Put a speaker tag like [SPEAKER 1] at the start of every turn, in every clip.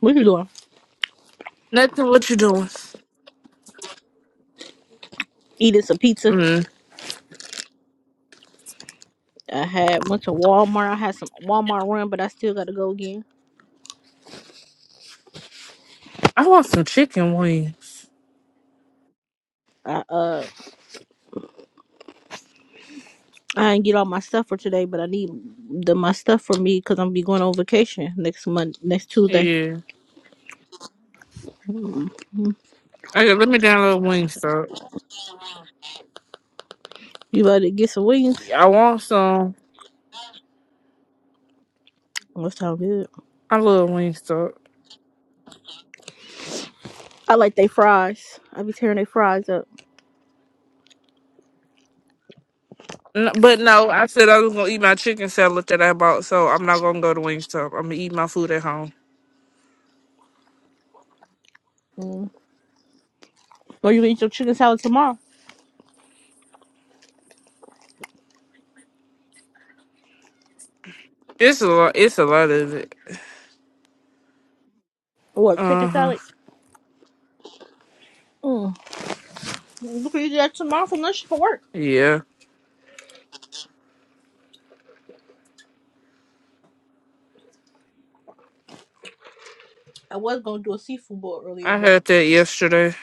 [SPEAKER 1] What you doing?
[SPEAKER 2] Nothing. What you doing?
[SPEAKER 1] Eating some pizza.
[SPEAKER 2] Mm.
[SPEAKER 1] I had went to Walmart. I had some Walmart run, but I still gotta go again.
[SPEAKER 2] I want some chicken wings.
[SPEAKER 1] I uh I didn't get all my stuff for today, but I need the my stuff for me because I'm gonna be going on vacation next month, next Tuesday.
[SPEAKER 2] Yeah.
[SPEAKER 1] mm mm.
[SPEAKER 2] Okay, let me download Wingstop.
[SPEAKER 1] You about to get some wings?
[SPEAKER 2] I want some.
[SPEAKER 1] That sound good.
[SPEAKER 2] I love Wingstop.
[SPEAKER 1] I like they fries. I be tearing they fries up.
[SPEAKER 2] No, but no, I said I was gonna eat my chicken salad that I bought, so I'm not gonna go to Wingstop. I'm gonna eat my food at home.
[SPEAKER 1] Mm. Or you gonna eat your chicken salad tomorrow?
[SPEAKER 2] It's a lot. It's a lot of it.
[SPEAKER 1] Or
[SPEAKER 2] Uh
[SPEAKER 1] chicken
[SPEAKER 2] huh.
[SPEAKER 1] salad? Mm. You can eat that tomorrow for lunch for work.
[SPEAKER 2] Yeah.
[SPEAKER 1] I was gonna do a seafood bowl earlier,
[SPEAKER 2] I
[SPEAKER 1] but
[SPEAKER 2] had that yesterday.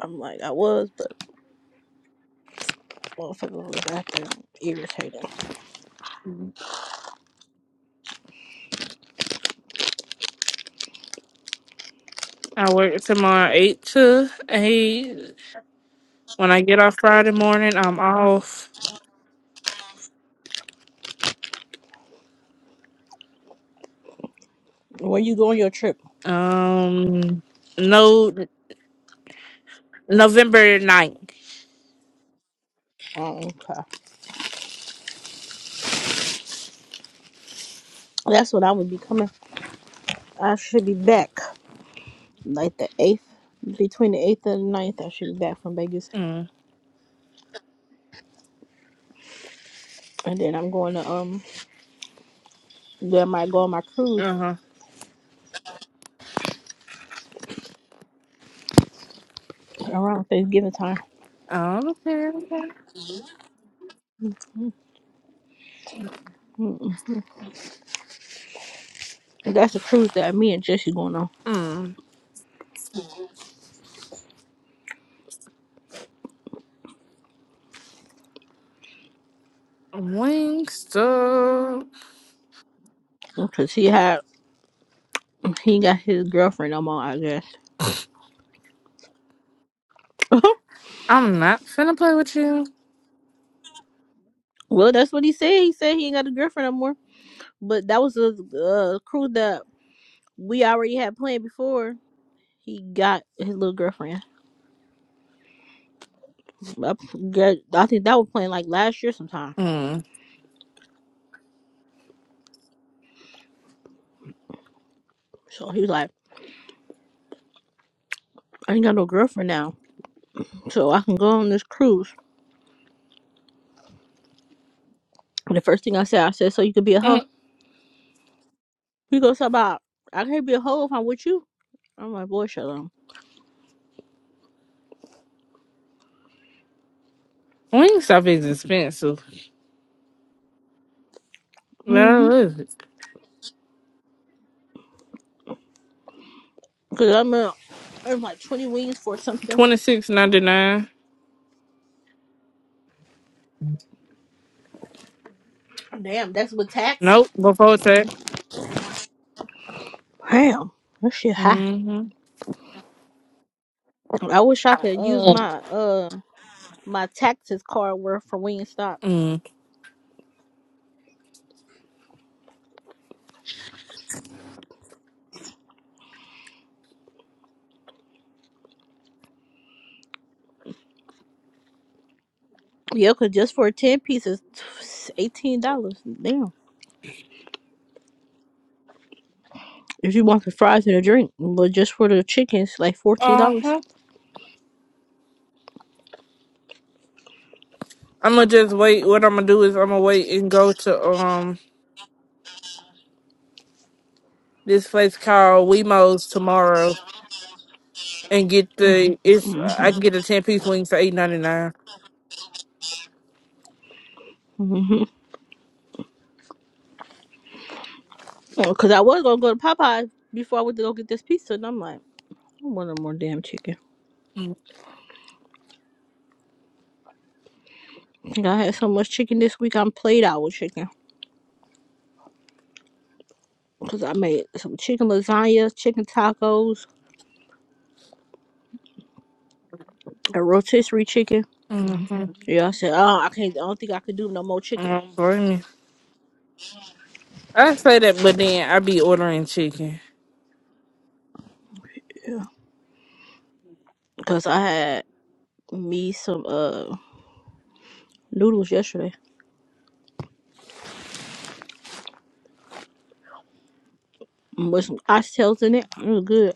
[SPEAKER 1] I'm like I was, but. Motherfucker was acting irritating.
[SPEAKER 2] I work tomorrow eight to eight. When I get off Friday morning, I'm off.
[SPEAKER 1] Where you going your trip?
[SPEAKER 2] Um, no, November ninth.
[SPEAKER 1] Oh, okay. That's when I would be coming. I should be back like the eighth, between the eighth and the ninth. I should be back from Vegas,
[SPEAKER 2] Mm.
[SPEAKER 1] and then I'm going to um. Then I might go on my cruise
[SPEAKER 2] Uh-huh.
[SPEAKER 1] around Thanksgiving time.
[SPEAKER 2] Oh, okay. okay.
[SPEAKER 1] Mm-mm. That's the cruise that me and Jesse going on
[SPEAKER 2] Mm. Wingstop.
[SPEAKER 1] because he had he ain't got his girlfriend no more. I guess.
[SPEAKER 2] I'm not finna play with you.
[SPEAKER 1] well, that's what he said. He said he ain't got a girlfriend no more. But that was a uh, cruise that we already had planned before He got his little girlfriend. I, I think that was playing like last year sometime.
[SPEAKER 2] Mm.
[SPEAKER 1] So he was like, I ain't got no girlfriend now. So I can go on this cruise. And the first thing I said, I said, So you could be a hoe?
[SPEAKER 2] Mm.
[SPEAKER 1] He goes, "How about I can't be a hoe if I'm with you. I'm like, Boy, shut up.
[SPEAKER 2] Wingstop is expensive. Well,
[SPEAKER 1] Mm-hmm.
[SPEAKER 2] what is it?
[SPEAKER 1] Because I'm, uh, I'm like 20 wings for something.
[SPEAKER 2] Twenty six ninety nine.
[SPEAKER 1] Damn, that's with tax?
[SPEAKER 2] Nope, before tax.
[SPEAKER 1] Damn. That shit high.
[SPEAKER 2] Mm-hmm.
[SPEAKER 1] I wish I could use
[SPEAKER 2] Mm.
[SPEAKER 1] my uh my taxes card worth for Wingstop.
[SPEAKER 2] Mm.
[SPEAKER 1] Yeah, cause just for ten pieces, eighteen dollars. Damn. If you want the fries and a drink, but just for the chicken, it's like fourteen dollars.
[SPEAKER 2] Uh-huh. I'ma just wait. What I'ma do is I'ma wait and go to um this place called Wemos tomorrow and get the it's I can
[SPEAKER 1] Mm-hmm.
[SPEAKER 2] get a ten piece wings for eight ninety nine.
[SPEAKER 1] Mm-hmm. Cause I was gonna go to Popeyes before I went to go get this pizza, and I'm like, I want no more damn chicken. And I had so much chicken this week, I'm played out with chicken. Cause I made some chicken lasagna, chicken tacos, a rotisserie chicken.
[SPEAKER 2] Mm-hmm.
[SPEAKER 1] Yeah, I said, oh, I can't. I don't think I could do no more chicken.
[SPEAKER 2] Um, blame me. I say that, but then I be ordering chicken.
[SPEAKER 1] Yeah. Cause I had me some uh noodles yesterday. with some oxtails in it. It was good.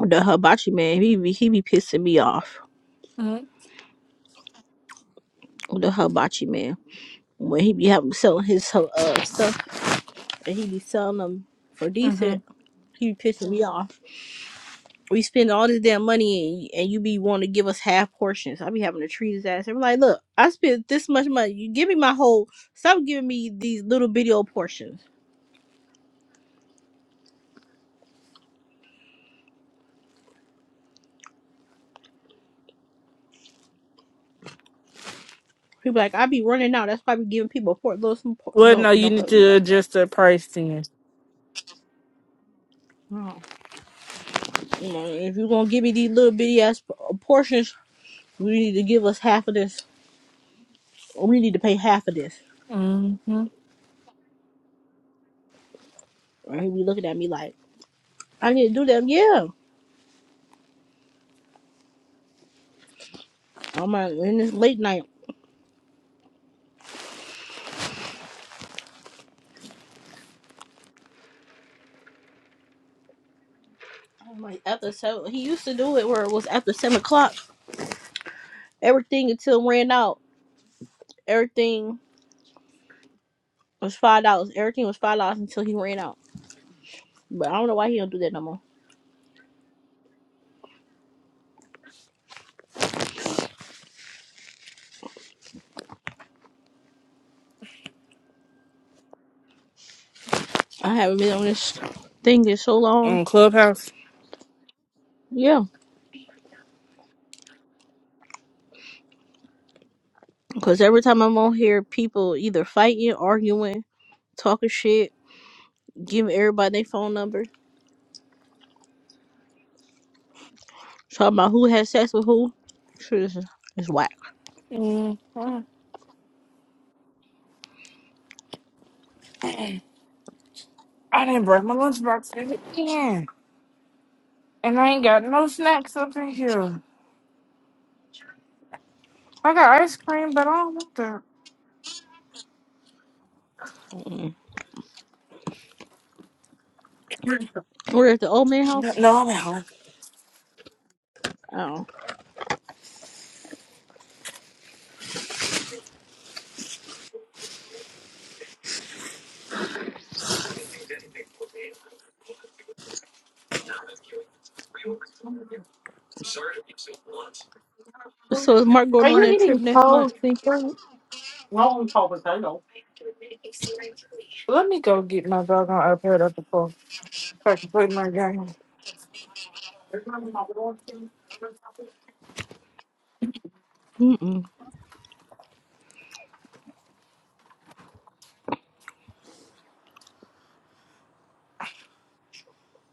[SPEAKER 1] The hibachi man, he be he be pissing me off.
[SPEAKER 2] Mm-hmm.
[SPEAKER 1] The hibachi man, when he be having selling his uh stuff and he be selling them for
[SPEAKER 2] Mm-hmm.
[SPEAKER 1] decent, he be pissing me off. We spend all this damn money and, and you be wanting to give us half portions. I be having to treat his ass. I'm like, look, I spent this much money. You give me my whole. Stop giving me these little bitty old portions. He be like, I be running out. That's why I be giving people a port. Little some por-
[SPEAKER 2] Well, no,
[SPEAKER 1] Don't
[SPEAKER 2] you
[SPEAKER 1] don't play
[SPEAKER 2] need
[SPEAKER 1] with me
[SPEAKER 2] to
[SPEAKER 1] like
[SPEAKER 2] adjust the price then.
[SPEAKER 1] that. You know, If you're gonna give me these little bitty ass portions, you need to give us half of this. Or we need to pay half of this.
[SPEAKER 2] Mm-hmm.
[SPEAKER 1] And he be looking at me like, I need to do that. Yeah. I'm like, and it's late night. I'm like, after seven. He used to do it where it was after seven o'clock. Everything until ran out. Everything was five dollars. Everything was five dollars until he ran out. But I don't know why he don't do that no more. I haven't been on this thing in so long.
[SPEAKER 2] On Clubhouse.
[SPEAKER 1] Yeah. Because every time I'm on here, people either fighting, arguing, talking shit Give everybody their phone number. Talking about who had sex with who. Shit, It's it's whack.
[SPEAKER 2] Mm-hmm. I didn't bring my lunchbox in again, and I ain't got no snacks up in here. I got ice cream, but I don't want that.
[SPEAKER 1] Mm-mm. We're at the old man
[SPEAKER 2] No,
[SPEAKER 1] house.
[SPEAKER 2] no, I'm at home.
[SPEAKER 1] Oh. So is Mark
[SPEAKER 2] Are
[SPEAKER 1] going on
[SPEAKER 2] you
[SPEAKER 1] that trip
[SPEAKER 2] eating
[SPEAKER 1] next
[SPEAKER 2] cold,
[SPEAKER 1] month?
[SPEAKER 2] Seeker? No, I'm cold potato. Let me go get my dog on iPad up the pool so I can play my game.
[SPEAKER 1] Mm-mm.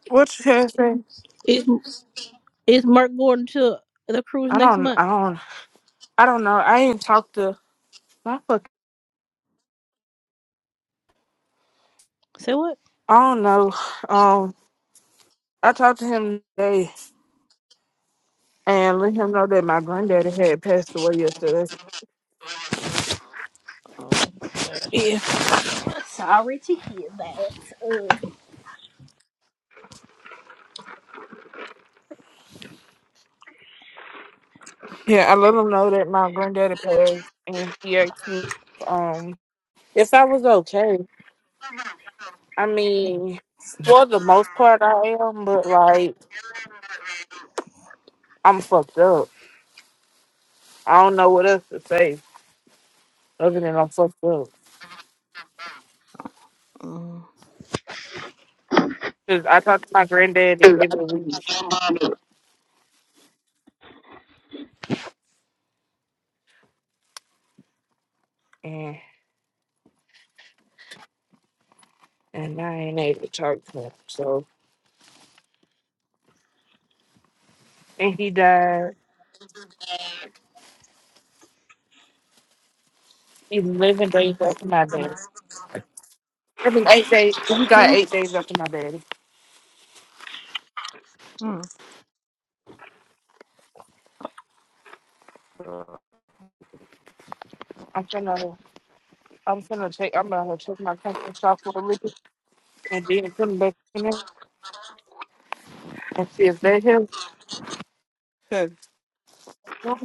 [SPEAKER 2] What you had say?
[SPEAKER 1] Is, is Mark going to the cruise
[SPEAKER 2] I
[SPEAKER 1] next
[SPEAKER 2] don't.
[SPEAKER 1] month?
[SPEAKER 2] I don't. I don't know. I ain't talked to my fuck.
[SPEAKER 1] Say what?
[SPEAKER 2] I don't know. Um, I talked to him today and let him know that my granddaddy had passed away yesterday.
[SPEAKER 1] Yeah. Sorry to hear that.
[SPEAKER 2] Yeah, I let him know that my granddaddy passed, and he asked me, um, if I was okay. I mean, for the most part, I am, but like, I'm fucked up. I don't know what else to say other than I'm fucked up.
[SPEAKER 1] Uh,
[SPEAKER 2] Cause I talk to my granddaddy every week, and and I ain't able to talk to him. So, and he died. eleven days after my baby. I mean eight days. We got
[SPEAKER 1] Mm-hmm.
[SPEAKER 2] eight days after my baby. I'm finna, I'm finna check. I'm gonna check my country shop for a little and then put them back in there and see if they help. Cause my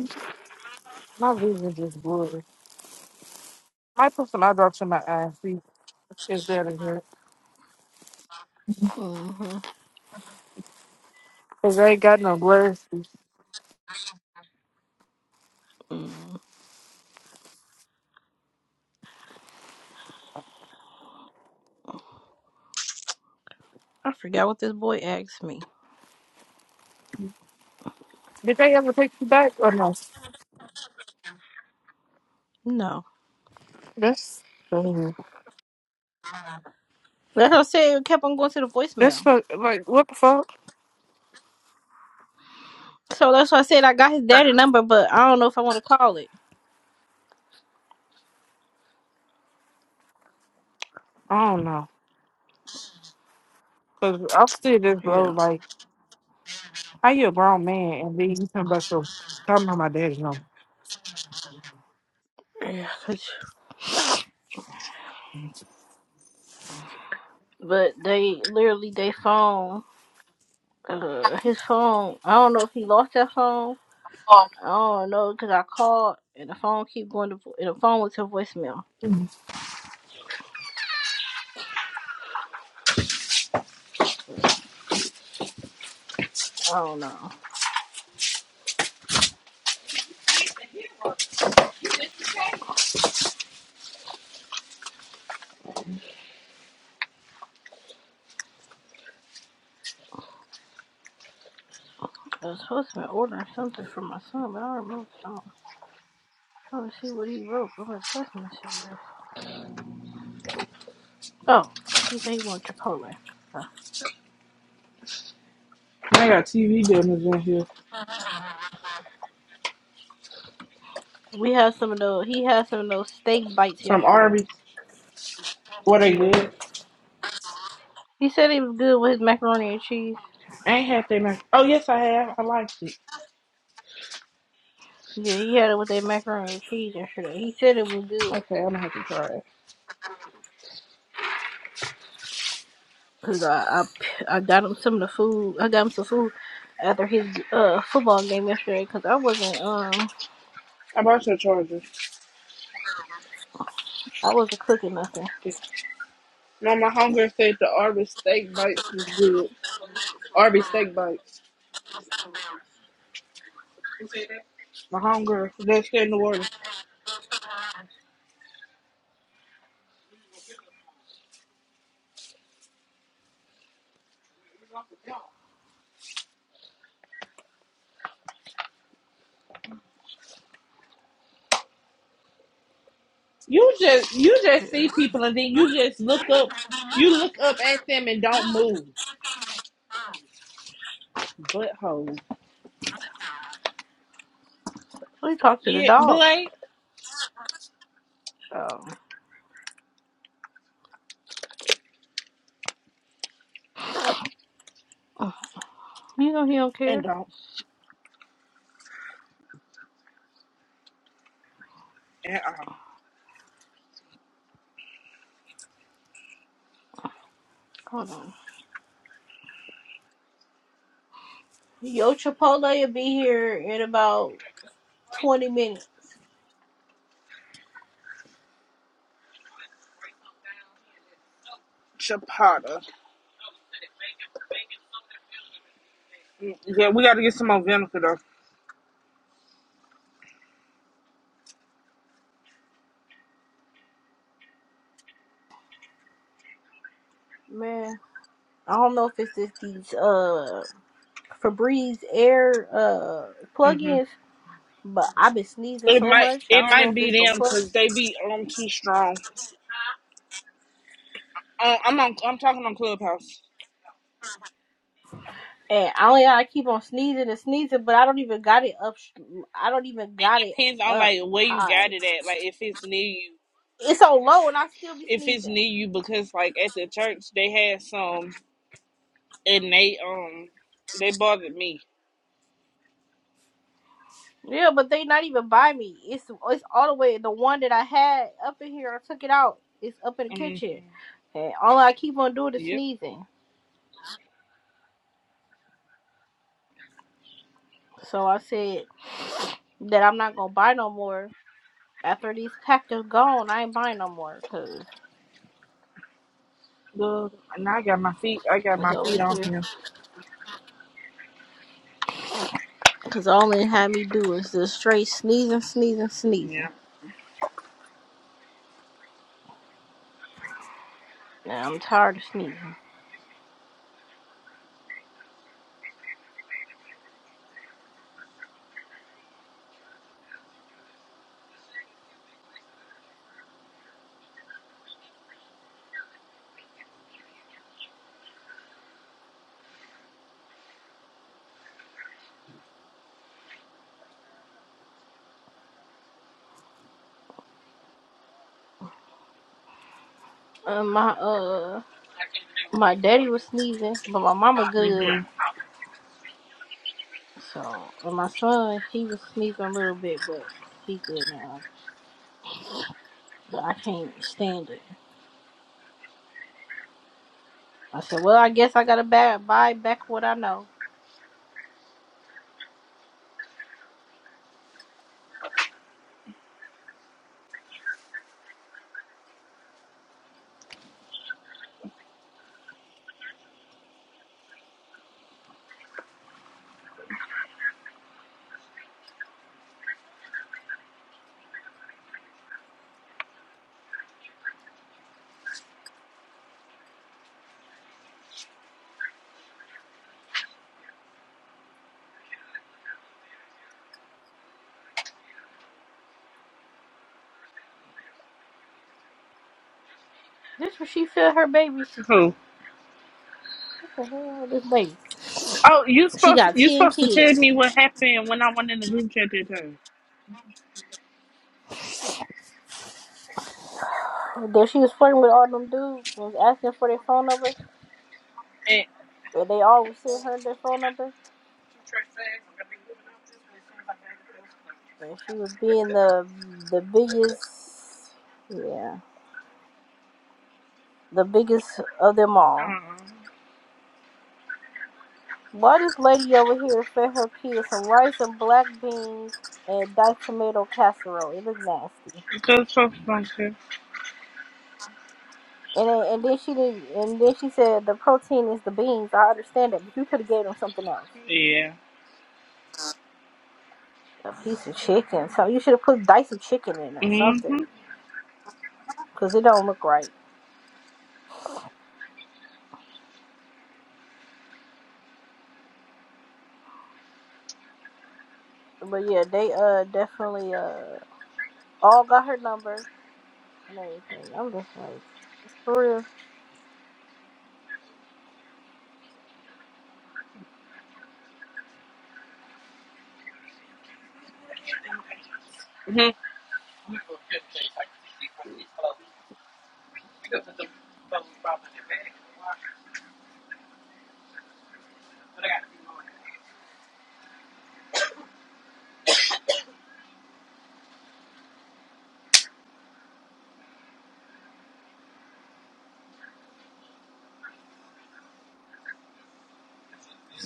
[SPEAKER 2] my vision just blurry. Might put some eye drops in my eyes see if that will help.
[SPEAKER 1] Mm-hmm.
[SPEAKER 2] Cause I ain't got no glasses.
[SPEAKER 1] hmm I forgot what this boy asked me.
[SPEAKER 2] Did they ever take you back or no?
[SPEAKER 1] No.
[SPEAKER 2] That's crazy.
[SPEAKER 1] That's what I said. It kept on going to the
[SPEAKER 2] that's
[SPEAKER 1] voicemail.
[SPEAKER 2] fuck, like what the fuck?
[SPEAKER 1] So that's why I said I got his daddy number, but I don't know if I want to call it.
[SPEAKER 2] I don't know. Cause I'm still just blow
[SPEAKER 1] Yeah.
[SPEAKER 2] like how you a grown man and then you talking about some talking about my daddy's number.
[SPEAKER 1] Yeah, 'cause- but they literally they phone, uh, his phone. I don't know if he lost that phone. I don't know because I called and the phone keep going to vo- and the phone was to voicemail. So, I don't know. I was supposed to be ordering something for my son, but I don't remember. I am trying to see what he wrote. I'm gonna test my shit. Oh, he said he wanted Chipotle. Huh.
[SPEAKER 2] I got TV dinners in here
[SPEAKER 1] We had some of those. He had some of those steak bites
[SPEAKER 2] from
[SPEAKER 1] yesterday.
[SPEAKER 2] Arby's. What they
[SPEAKER 1] Yeah,
[SPEAKER 2] good?
[SPEAKER 1] he said he was good with his macaroni and cheese.
[SPEAKER 2] I ain't had they mac. Oh yes, I have. I liked it.
[SPEAKER 1] Yeah, he had it with that macaroni and cheese yesterday. He said it was good.
[SPEAKER 2] Okay, I'm gonna have to try it.
[SPEAKER 1] Cause I, I I got him some of the food. I got him some food after his uh football game yesterday. Cause I wasn't um
[SPEAKER 2] I bought your charger.
[SPEAKER 1] I wasn't cooking nothing.
[SPEAKER 2] No, my hunger said the Arby's steak bites was good. Arby's steak bites. My hunger that's in New Orleans. You just you just
[SPEAKER 1] Yeah.
[SPEAKER 2] see people and then you just look up. You look up at them and don't move. Butthole.
[SPEAKER 1] We talked to the
[SPEAKER 2] Yeah,
[SPEAKER 1] dog.
[SPEAKER 2] Blake.
[SPEAKER 1] So you know he don't
[SPEAKER 2] And
[SPEAKER 1] care.
[SPEAKER 2] don't. And uh,
[SPEAKER 1] Hold on. Yo Chipotle will be here in about twenty minutes.
[SPEAKER 2] chapata. Yeah, we got to get some more vinegar though.
[SPEAKER 1] Man, I don't know if it's just these uh Febreze air uh
[SPEAKER 2] Mm-hmm.
[SPEAKER 1] plugins, but I've been sneezing
[SPEAKER 2] It
[SPEAKER 1] so
[SPEAKER 2] might
[SPEAKER 1] much. I
[SPEAKER 2] it
[SPEAKER 1] don't know
[SPEAKER 2] might
[SPEAKER 1] if
[SPEAKER 2] be
[SPEAKER 1] it's the
[SPEAKER 2] them
[SPEAKER 1] plugins.
[SPEAKER 2] because they be on too strong. Um, I'm on I'm talking on Clubhouse.
[SPEAKER 1] And I only I keep on sneezing and sneezing, but I don't even got it up. sh- I don't even got it
[SPEAKER 2] Depends on
[SPEAKER 1] up
[SPEAKER 2] like where you
[SPEAKER 1] high.
[SPEAKER 2] got it at. Like if it's near you,
[SPEAKER 1] It's so low, and I still be
[SPEAKER 2] if it's near
[SPEAKER 1] sneezing.
[SPEAKER 2] you, because like at the church they had some and they um they bothered me.
[SPEAKER 1] Yeah, but they not even by me. It's it's all the way. The one that I had up in here, I took it out. It's up in the
[SPEAKER 2] hmm
[SPEAKER 1] kitchen, and all I keep on doing is
[SPEAKER 2] Yep.
[SPEAKER 1] sneezing. So I said that I'm not gonna buy no more. After these packs is gone, I ain't buying no more because
[SPEAKER 2] Look, and I got my feet. I got
[SPEAKER 1] it's
[SPEAKER 2] my
[SPEAKER 1] over
[SPEAKER 2] feet on
[SPEAKER 1] here.
[SPEAKER 2] him.
[SPEAKER 1] Cause all it had me do is just straight sneezing, sneezing, sneezing.
[SPEAKER 2] Yeah.
[SPEAKER 1] Nah, I'm tired of sneezing. Uh, my uh, my daddy was sneezing, but my mama good.
[SPEAKER 2] Mhm.
[SPEAKER 1] So and my son, he was sneezing a little bit, but he good now. But I can't stand it. I said, well, I guess I gotta ba- buy back what I know. This was she fed her babies.
[SPEAKER 2] Who?
[SPEAKER 1] What the hell, this baby?
[SPEAKER 2] Oh, you
[SPEAKER 1] She
[SPEAKER 2] supposed
[SPEAKER 1] got
[SPEAKER 2] you
[SPEAKER 1] ten
[SPEAKER 2] supposed to tell
[SPEAKER 1] kids.
[SPEAKER 2] me what happened when I went in the group chat that time.
[SPEAKER 1] Though she was flirting with all them dudes, and was asking for their phone number.
[SPEAKER 2] And,
[SPEAKER 1] And they all was sending her their phone number, and she was being the the biggest. Yeah, the biggest of them all.
[SPEAKER 2] uh
[SPEAKER 1] Why this lady over here fed her kids some rice and black beans and diced tomato casserole? It looks nasty.
[SPEAKER 2] Just so function.
[SPEAKER 1] And then, and then she did, and then she said the protein is the beans. I understand that, but you could have gave them something else.
[SPEAKER 2] Yeah.
[SPEAKER 1] A piece of chicken. So you should have put diced some chicken in or
[SPEAKER 2] Mm-hmm.
[SPEAKER 1] something, cause it don't look right. But yeah, they uh definitely uh all got her number and everything. I'm just like for real.
[SPEAKER 2] mm-hmm.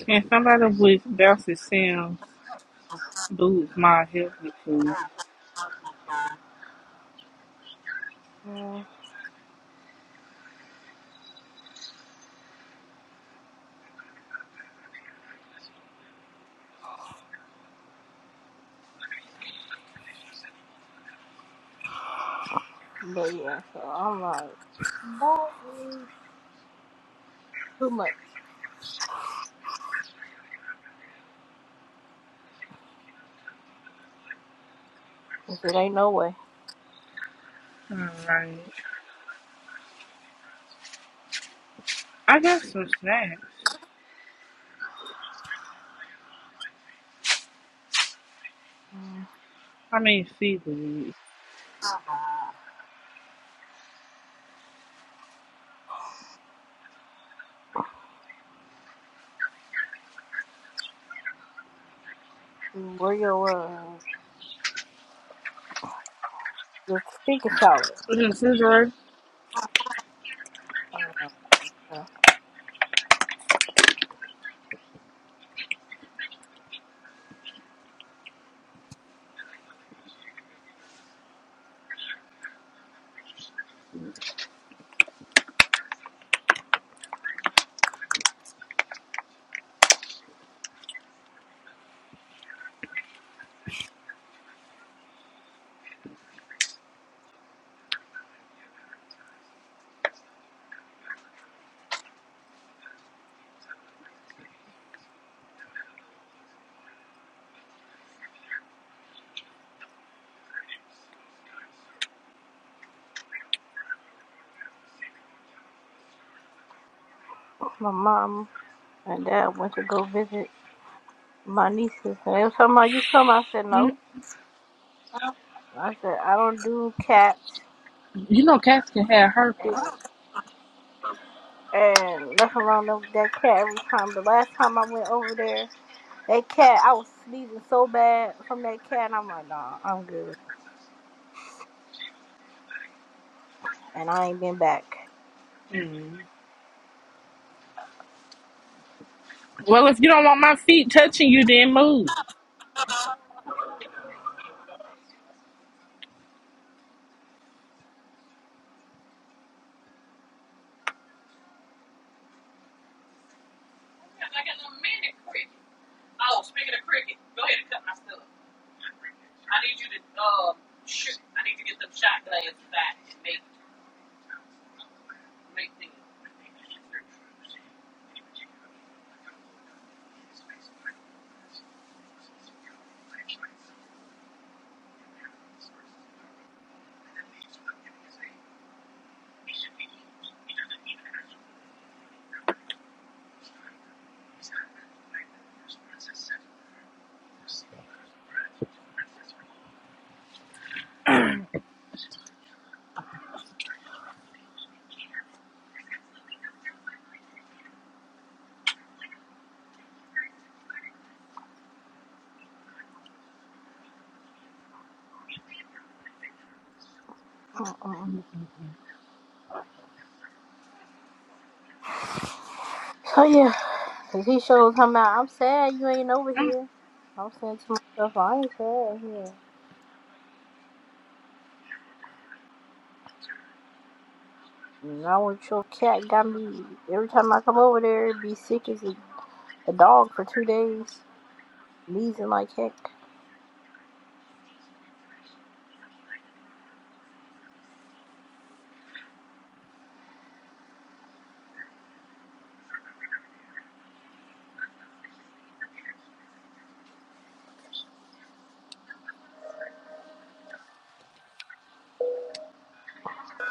[SPEAKER 2] Can somebody with Bouncy Sims boots my healthy food?
[SPEAKER 1] Yeah. But yeah, so I'm like. Too much. I said, ain't no way.
[SPEAKER 2] Alright. I got some snacks.
[SPEAKER 1] Mm,
[SPEAKER 2] I mean seafood.
[SPEAKER 1] Where your, uh, your stinking salad?
[SPEAKER 2] Listen, Scissor,
[SPEAKER 1] Uh, my mom and dad went to go visit my nieces, and they was talking about you come. I said,
[SPEAKER 2] mm,
[SPEAKER 1] no. I said, I don't do cats.
[SPEAKER 2] You know cats can have
[SPEAKER 1] And
[SPEAKER 2] herpes.
[SPEAKER 1] and left alone them- that cat every time. The last time I went over there, that cat, I was sneezing so bad from that cat, and I'm like, nah, I'm good. And I ain't been back.
[SPEAKER 2] Mm. Well, if you don't want my feet touching you, then move.
[SPEAKER 1] Mm-mm. So yeah, cause he showed him out. I'm sad you ain't over here. I'm saying to myself, I ain't sad here. Now what your cat got me every time I come over there, it be sick as a, a dog for two days, wheezing like heck.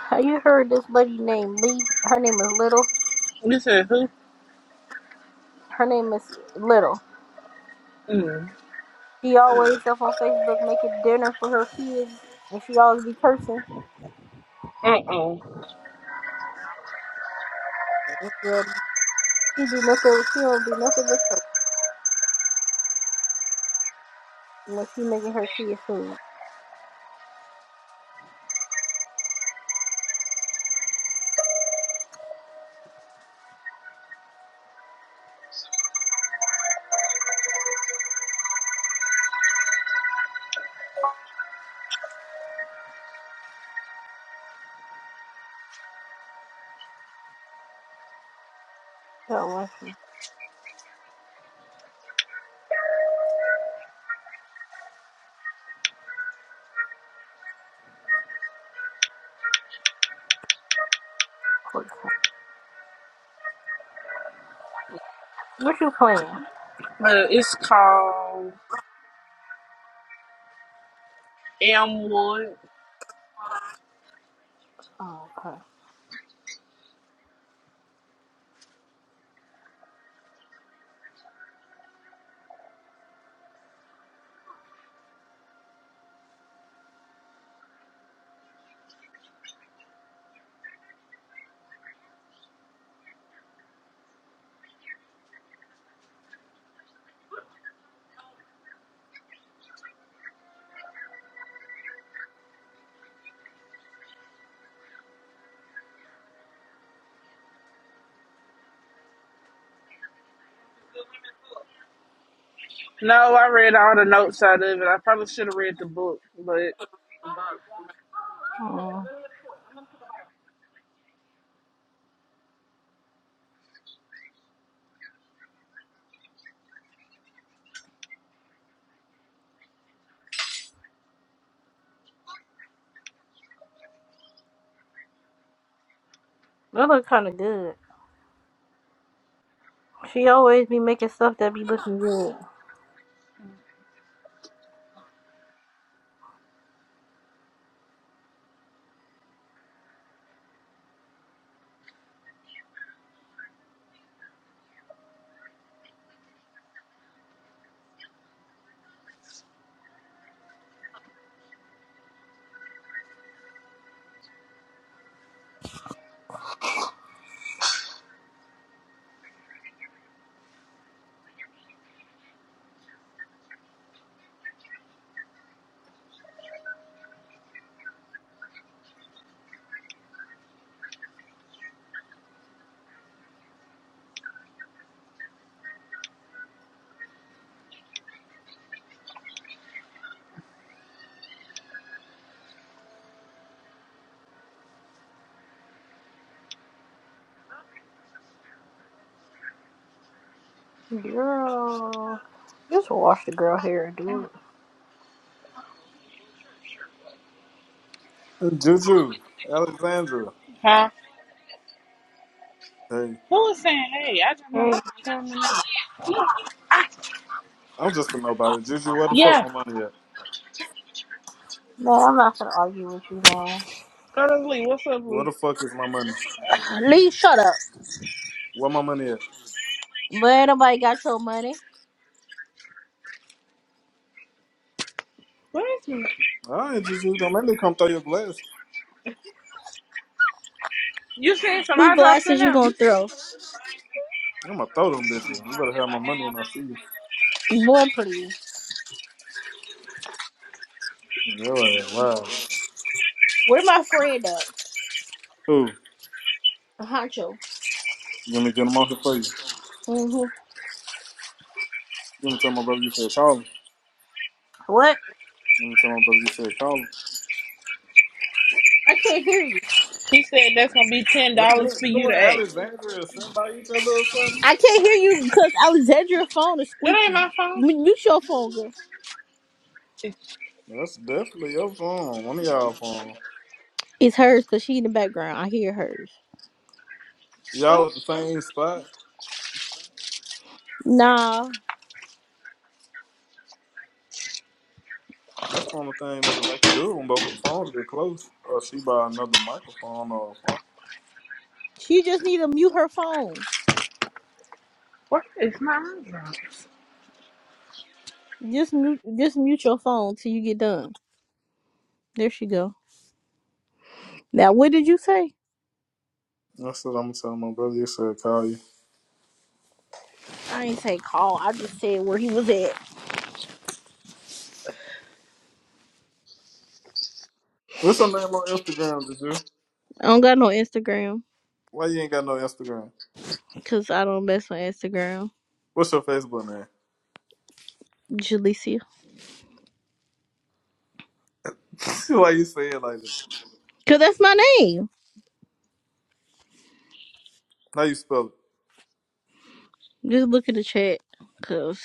[SPEAKER 1] Have you heard this lady named Lee? Her name is Little.
[SPEAKER 2] This is who?
[SPEAKER 1] Her name is Little.
[SPEAKER 2] Mm.
[SPEAKER 1] She always up on Facebook making dinner for her kids, and she always be cursing.
[SPEAKER 2] Uh-uh.
[SPEAKER 1] Yeah, she do nothing. She don't do nothing but curse when she making her kids food. God bless you. What you playing?
[SPEAKER 2] Uh, it's called Elmwood.
[SPEAKER 1] Oh, okay.
[SPEAKER 2] No, I read all the notes out of it. I probably should have read the book, but...
[SPEAKER 1] Mm. That look kind of good. She always be making stuff that be looking good. Girl, just wash the girl hair and do it.
[SPEAKER 3] Juju, Alexandra.
[SPEAKER 2] Huh?
[SPEAKER 3] Hey,
[SPEAKER 2] Who was saying, hey, I just know
[SPEAKER 1] Hey,
[SPEAKER 2] somebody coming in.
[SPEAKER 3] I'm just a nobody. Juju, where the fuck
[SPEAKER 2] Yeah.
[SPEAKER 3] my money at?
[SPEAKER 1] man, I'm not gonna argue with you, man.
[SPEAKER 2] Go to Lee. What's up,
[SPEAKER 3] Where
[SPEAKER 2] Lee?
[SPEAKER 3] the fuck is my money?
[SPEAKER 1] Lee, shut up.
[SPEAKER 3] Where my money at?
[SPEAKER 1] But ain't nobody got your money.
[SPEAKER 2] Where's me?
[SPEAKER 3] All right, Juju, don't make me come throw your glass.
[SPEAKER 2] You seen some
[SPEAKER 1] Who
[SPEAKER 2] eye drops in
[SPEAKER 1] glasses you
[SPEAKER 2] there?
[SPEAKER 1] gonna throw?
[SPEAKER 3] I'm gonna throw them bitches. You better have my money when I see you.
[SPEAKER 1] Boy, please.
[SPEAKER 3] Yo, yeah, wow.
[SPEAKER 1] Where my friend at?
[SPEAKER 3] Who?
[SPEAKER 1] Honcho.
[SPEAKER 3] You want me to get them off here for you?
[SPEAKER 1] hmm
[SPEAKER 3] You want me to tell my brother you said call him?
[SPEAKER 1] What?
[SPEAKER 3] You want me to tell my brother you said call him?
[SPEAKER 1] I can't hear you.
[SPEAKER 2] He said that's gonna be ten
[SPEAKER 3] What
[SPEAKER 2] dollars
[SPEAKER 3] you,
[SPEAKER 2] for
[SPEAKER 3] you
[SPEAKER 2] you to
[SPEAKER 3] and
[SPEAKER 2] ask.
[SPEAKER 3] Alexandria sitting by each other or something?
[SPEAKER 1] I can't hear you because Alexandria's phone is
[SPEAKER 2] That ain't my
[SPEAKER 1] squeaky.
[SPEAKER 2] phone.
[SPEAKER 1] M- Mute your phone, girl.
[SPEAKER 2] It's
[SPEAKER 3] That's definitely your phone. One of y'all phone.
[SPEAKER 1] It's hers because she in the background. I hear hers.
[SPEAKER 3] Y'all
[SPEAKER 2] what?
[SPEAKER 3] at the same spot?
[SPEAKER 1] Nah,
[SPEAKER 3] That's the only thing that'll make do when both the phones get close. Or she buy another microphone or a phone.
[SPEAKER 1] she just need to mute her phone.
[SPEAKER 2] What is my eye drop?
[SPEAKER 1] Just mute, just mute your phone till you get done. There she go. Now, what did you say?
[SPEAKER 3] That's what I'm telling my brother. You said call you.
[SPEAKER 1] I ain't say call. I just said where he was at.
[SPEAKER 3] What's your name on Instagram, did you?
[SPEAKER 1] I don't got no Instagram
[SPEAKER 3] Why you ain't got no Instagram?
[SPEAKER 1] because I don't mess with Instagram.
[SPEAKER 3] What's your Facebook name?
[SPEAKER 1] Jalecia.
[SPEAKER 3] Why you say it like that?
[SPEAKER 1] Because that's my name.
[SPEAKER 3] How you spell it?
[SPEAKER 1] Just look at the chat because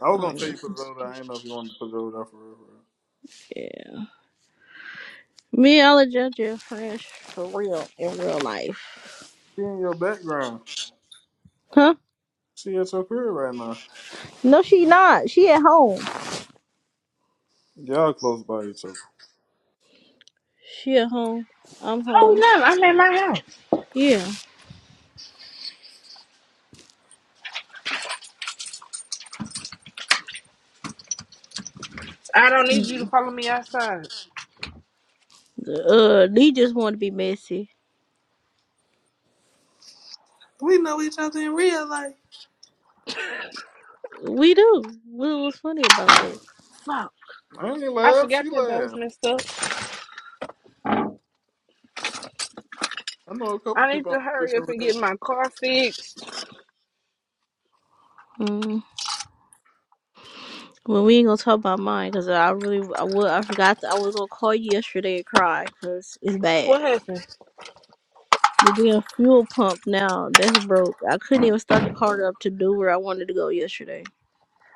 [SPEAKER 3] I was
[SPEAKER 1] I
[SPEAKER 3] gonna
[SPEAKER 1] ain't
[SPEAKER 3] tell
[SPEAKER 1] gonna-
[SPEAKER 3] you put it over there. I didn't know if you wanted to put it over there for real. For real.
[SPEAKER 1] yeah. Me, I'll judge your friends for real in real life.
[SPEAKER 3] She in your background.
[SPEAKER 1] Huh?
[SPEAKER 3] She at your crib right now.
[SPEAKER 1] No, she not. She at home.
[SPEAKER 3] Y'all close by each other.
[SPEAKER 1] She at home. I'm home.
[SPEAKER 2] Oh no, I'm at my house.
[SPEAKER 1] Yeah.
[SPEAKER 2] I don't need you to
[SPEAKER 1] Mm.
[SPEAKER 2] follow me outside.
[SPEAKER 1] Uh, they just want to be messy.
[SPEAKER 3] We know each other in real life.
[SPEAKER 1] We do. What was funny about that?
[SPEAKER 2] Fuck.
[SPEAKER 3] I ain't
[SPEAKER 2] I
[SPEAKER 3] laugh.
[SPEAKER 2] forgot
[SPEAKER 3] She
[SPEAKER 2] that that was
[SPEAKER 3] laughed.
[SPEAKER 2] messed up.
[SPEAKER 3] I know a couple
[SPEAKER 2] I need
[SPEAKER 3] people. on
[SPEAKER 2] to
[SPEAKER 3] the
[SPEAKER 2] hurry up and
[SPEAKER 3] picture
[SPEAKER 2] get my car fixed.
[SPEAKER 1] Mm. Well, we ain't gonna talk about mine because I really, I wa- I forgot that I was gonna call you yesterday and cry because it's bad.
[SPEAKER 2] What happened?
[SPEAKER 1] The damn fuel pump now that's broke. I couldn't even start the car up to do where I wanted to go yesterday.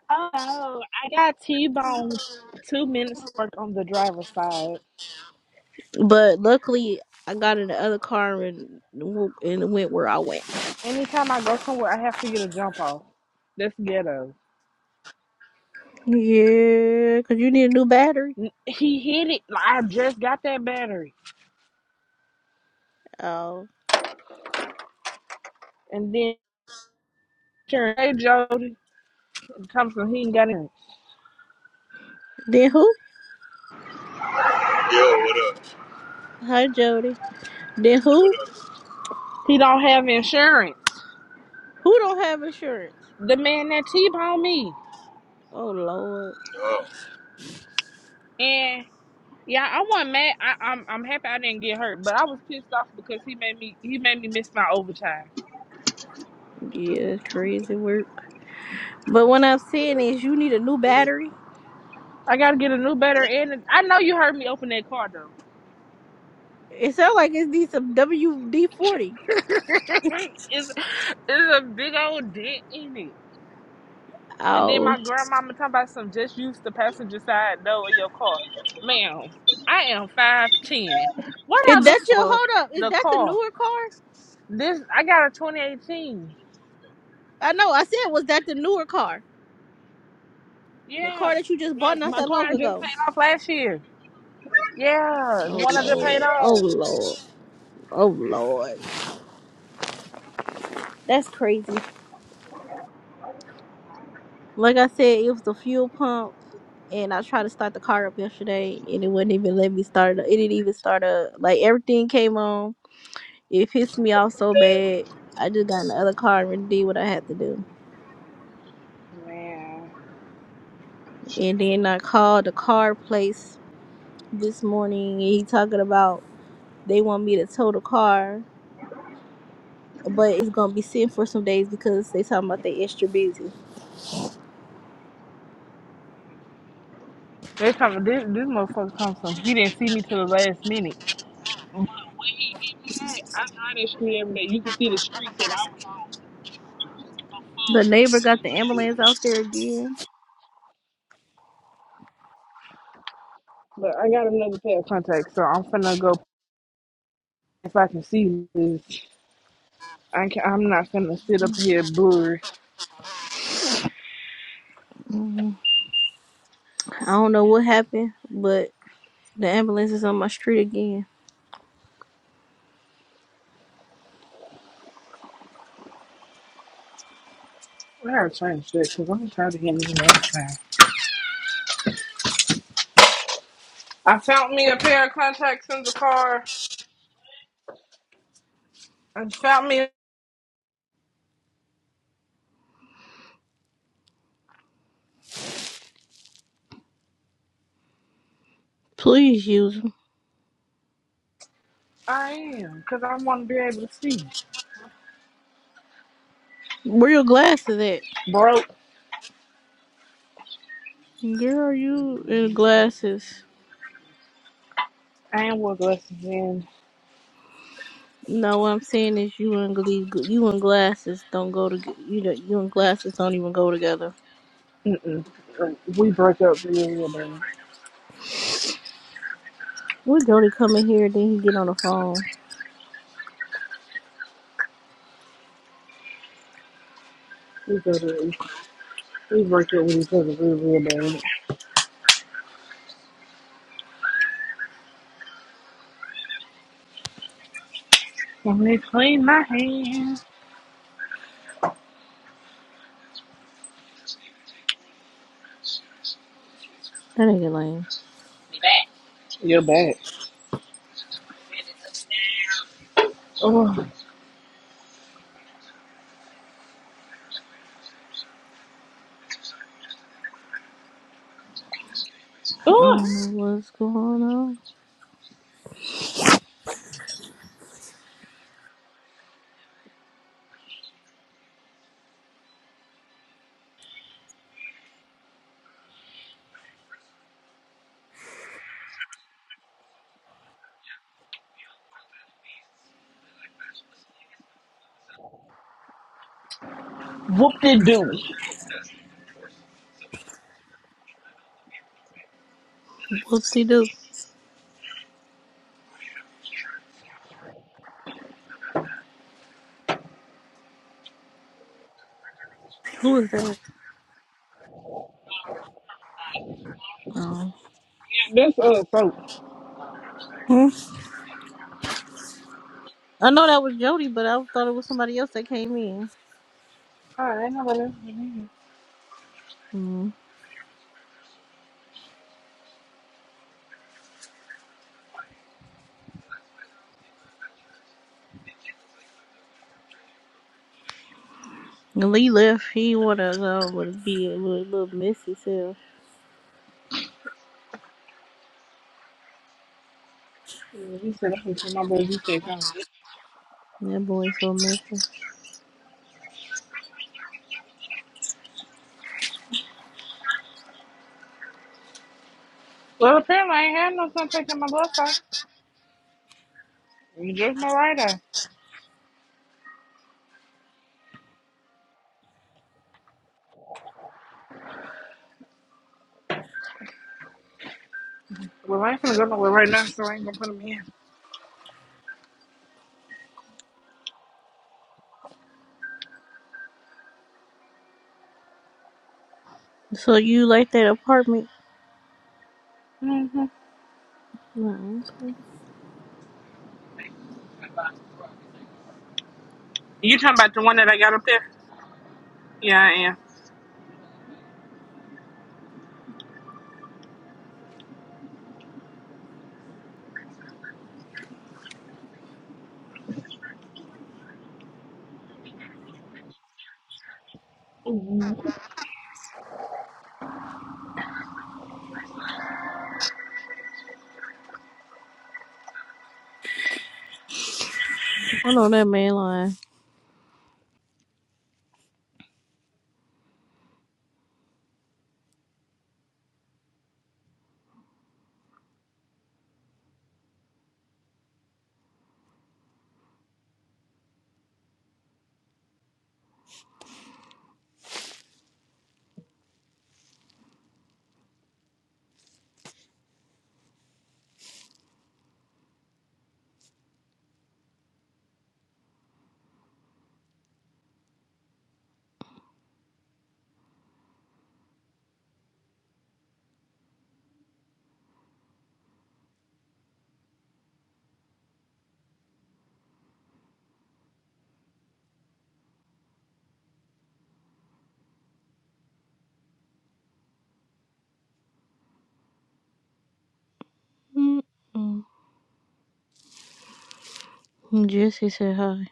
[SPEAKER 2] Oh, I got T-boned two minutes work on the driver's side.
[SPEAKER 1] But luckily, I got in the other car and w- and it went where I went.
[SPEAKER 2] Anytime I go somewhere, I have to get a jump off. That's ghetto.
[SPEAKER 1] Yeah, cause you need a new battery.
[SPEAKER 2] N- He hit it. Like, I just got that battery,
[SPEAKER 1] Oh,
[SPEAKER 2] and then sure, hey Jody comes from he ain't got insurance.
[SPEAKER 1] then who?
[SPEAKER 4] Yo, what up?
[SPEAKER 1] Hi, Jody. Then who?
[SPEAKER 4] What up?
[SPEAKER 2] He don't have insurance.
[SPEAKER 1] Who don't have insurance?
[SPEAKER 2] The man that t-boned me,
[SPEAKER 1] Oh Lord,
[SPEAKER 4] No.
[SPEAKER 2] and yeah, I wasn't mad. I, I'm I'm happy I didn't get hurt, but I was pissed off because he made me he made me miss my overtime.
[SPEAKER 1] yeah, crazy work. But what I'm saying is, you need a new battery.
[SPEAKER 2] I gotta get a new battery, and I know you heard me open that car though.
[SPEAKER 1] It sounds like it needs some WD forty.
[SPEAKER 2] it's, it's a big old dent in it. And then
[SPEAKER 1] Oh,
[SPEAKER 2] my grandmama talking about some just use the passenger side door of your car. Ma'am, I am five ten. What I
[SPEAKER 1] is
[SPEAKER 2] look
[SPEAKER 1] that your
[SPEAKER 2] for
[SPEAKER 1] hold up? Is
[SPEAKER 2] the
[SPEAKER 1] that the
[SPEAKER 2] car?
[SPEAKER 1] newer car?
[SPEAKER 2] This I got a twenty eighteen.
[SPEAKER 1] I know. I said, was that the newer car? The
[SPEAKER 2] Yeah.
[SPEAKER 1] car that you just
[SPEAKER 2] My
[SPEAKER 1] bought not
[SPEAKER 2] my
[SPEAKER 1] that
[SPEAKER 2] car I
[SPEAKER 1] long
[SPEAKER 2] just
[SPEAKER 1] ago.
[SPEAKER 2] paid off last year. Yeah, the
[SPEAKER 1] Oh
[SPEAKER 2] one I just paid
[SPEAKER 1] Lord, oh
[SPEAKER 2] off.
[SPEAKER 1] Lord, oh Lord, that's crazy. Like I said, it was the fuel pump. And I tried to start the car up yesterday, and it wouldn't even let me start. It up. It didn't even start up. Like everything came on, It pissed me off so bad. I just got in the other car and really did what I had to do.
[SPEAKER 2] Yeah.
[SPEAKER 1] And then I called the car place this morning and he talking about they want me to tow the car, but it's gonna be sitting for some days because they talking about they extra busy.
[SPEAKER 2] They talking this this motherfucker comes from he didn't see me till the last minute. But when he hit me at, I drive that street every day. You can see the street that I was
[SPEAKER 1] The neighbor got the ambulance out there again.
[SPEAKER 2] on before you even got to. But I got another pair of contacts, so I'm finna go if I can see this, I can, I'm not gonna sit up here blurry.
[SPEAKER 1] Mhm. I don't know what happened, but the ambulance is on my street again.
[SPEAKER 2] I gotta change that because I'm tired of hearing this one time. I found me a pair of contacts in the car. I found me.
[SPEAKER 1] Please use them.
[SPEAKER 2] I am because I want to be able to see.
[SPEAKER 1] Where your glasses at?
[SPEAKER 2] Broke.
[SPEAKER 1] Girl, you and glasses.
[SPEAKER 2] I ain't wore glasses in.
[SPEAKER 1] No, what I'm saying is you and Glee, you and glasses don't go to you. Know, you and glasses don't even go together.
[SPEAKER 2] Mm-mm. Like, We broke up real, real bad.
[SPEAKER 1] When Jody come in here, then he get on the phone.
[SPEAKER 2] We go up. we broke up with each other real, real bad.
[SPEAKER 1] That nigga lame.
[SPEAKER 2] You're bad. Oh,
[SPEAKER 1] I don't
[SPEAKER 2] oh,
[SPEAKER 1] know what's going on.
[SPEAKER 2] whoop de doo.
[SPEAKER 1] Whoopsie doo. Who is that? Oh.
[SPEAKER 2] That's uh, so. All
[SPEAKER 1] Hmm? I know that was Jody, but I thought it was somebody else that came in.
[SPEAKER 2] right, ain't nobody. else.
[SPEAKER 1] Mm. And Lee left. He wanna go with be a little, little messy self.
[SPEAKER 2] Yeah, he said, I'm gonna take my blood. He said, come.
[SPEAKER 1] That boy so messy.
[SPEAKER 2] Well, apparently, I ain't had no fun taking my blood out. You just my right eye. Well, I ain't gonna go nowhere right now, so I ain't gonna put him in.
[SPEAKER 1] So you like that apartment?
[SPEAKER 2] hmm
[SPEAKER 1] No.
[SPEAKER 2] You talking about the one that I got up there? Yeah, I am.
[SPEAKER 1] I know that man lying. Mm-mm. Jesse said hi.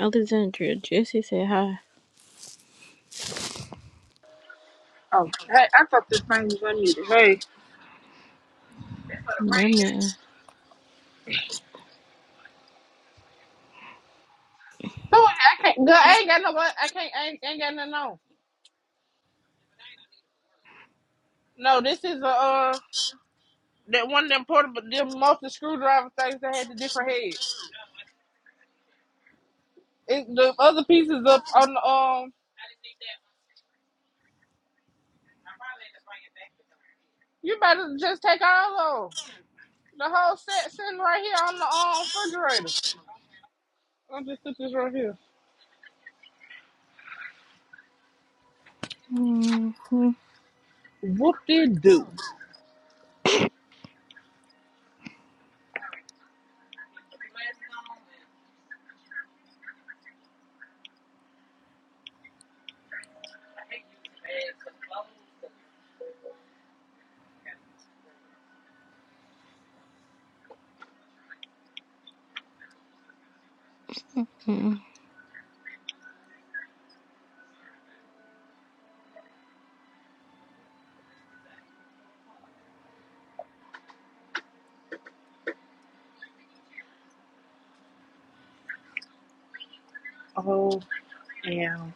[SPEAKER 1] Alexandria, Jesse said hi.
[SPEAKER 2] Oh, hey, I thought this thing was unmuted. Hey.
[SPEAKER 1] That
[SPEAKER 2] So I can't, girl, I ain't got no, blood- I can't, I ain't, ain't got nothing on. No, this is a, uh, that one of them portable, them multi screwdriver things that had the different heads. It, the other pieces up on the, um, you better just take all of 'em. The whole set sitting right here on the um, refrigerator. I just took this right here.
[SPEAKER 1] man.
[SPEAKER 2] Whoop de doo.
[SPEAKER 1] Mm-hmm.
[SPEAKER 2] Oh, damn!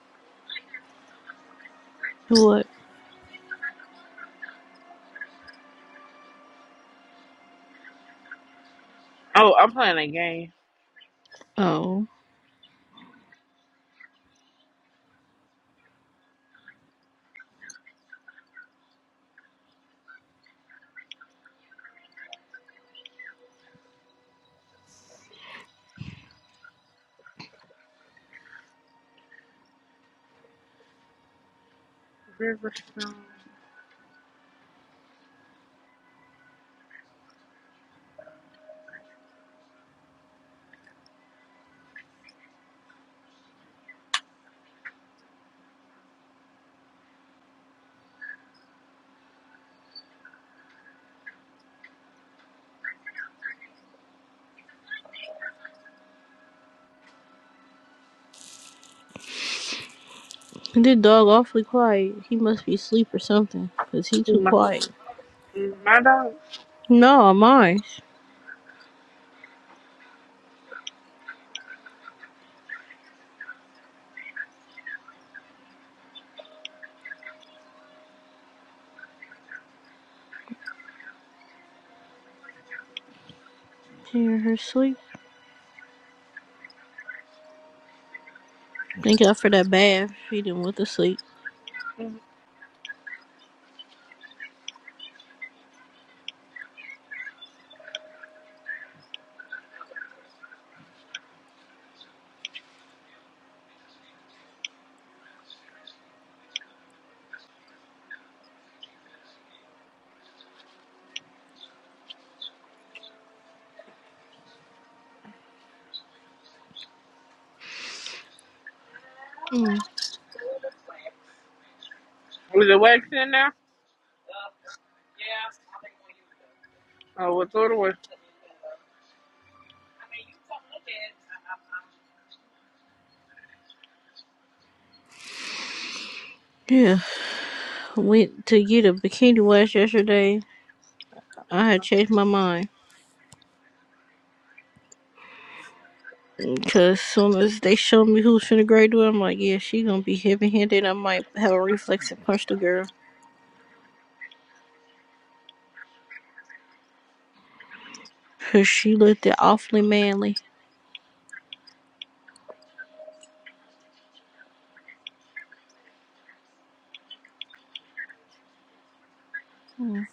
[SPEAKER 1] What?
[SPEAKER 2] Oh, I'm playing a game.
[SPEAKER 1] Oh. This dog awfully quiet. He must be asleep or something, 'cause he
[SPEAKER 2] Who
[SPEAKER 1] too
[SPEAKER 2] my
[SPEAKER 1] quiet.
[SPEAKER 2] mm, my dog?
[SPEAKER 1] No, mine. She in her sleep. Thank God for that bath. She didn't went to sleep.
[SPEAKER 2] Mm.
[SPEAKER 1] Mm.
[SPEAKER 2] Is it wax in there? Oh, we throw it away.
[SPEAKER 1] Yeah. Went to get a bikini wash yesterday. I had changed my mind. Cause soon as they show me who's finna graduate, I'm like, yeah, she gonna be heavy handed. I might have a reflex and punch the girl. Cause she looked it awfully manly. Mm.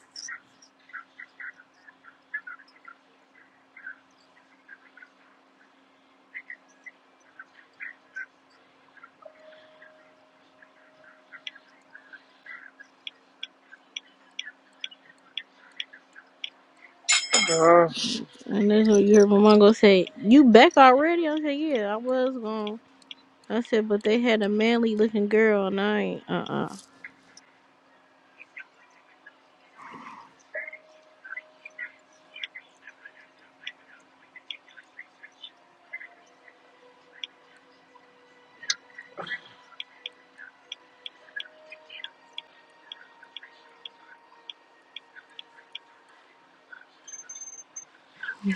[SPEAKER 2] Ugh.
[SPEAKER 1] And that's what you heard my mom go say, You back already? I said, Yeah, I was gone. I said, but they had a manly looking girl and I ain't uh uh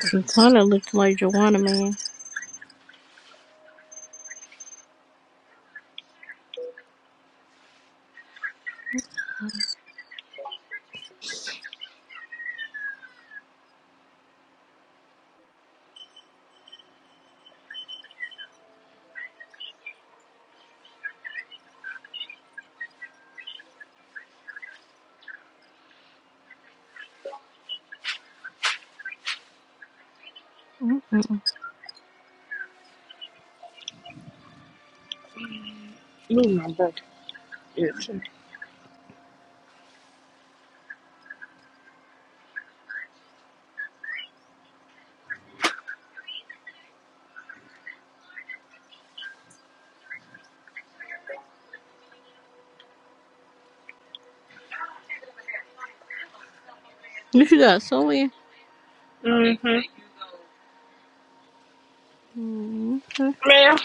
[SPEAKER 1] She kinda looked like Joanna man. Mm-mm.
[SPEAKER 2] Ooh, my back itch.
[SPEAKER 1] You should got somewhere.
[SPEAKER 2] Mm-hmm.
[SPEAKER 1] Mm, okay.
[SPEAKER 2] Man,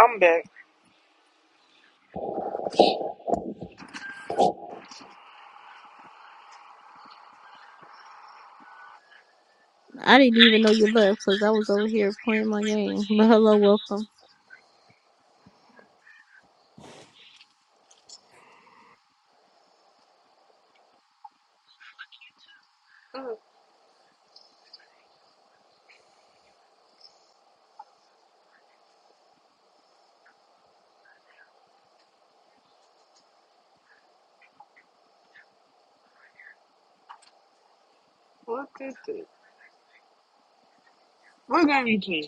[SPEAKER 2] I'm back.
[SPEAKER 1] I didn't even know you left because I was over here playing my game. But hello, welcome.
[SPEAKER 2] What is this? What game you playing?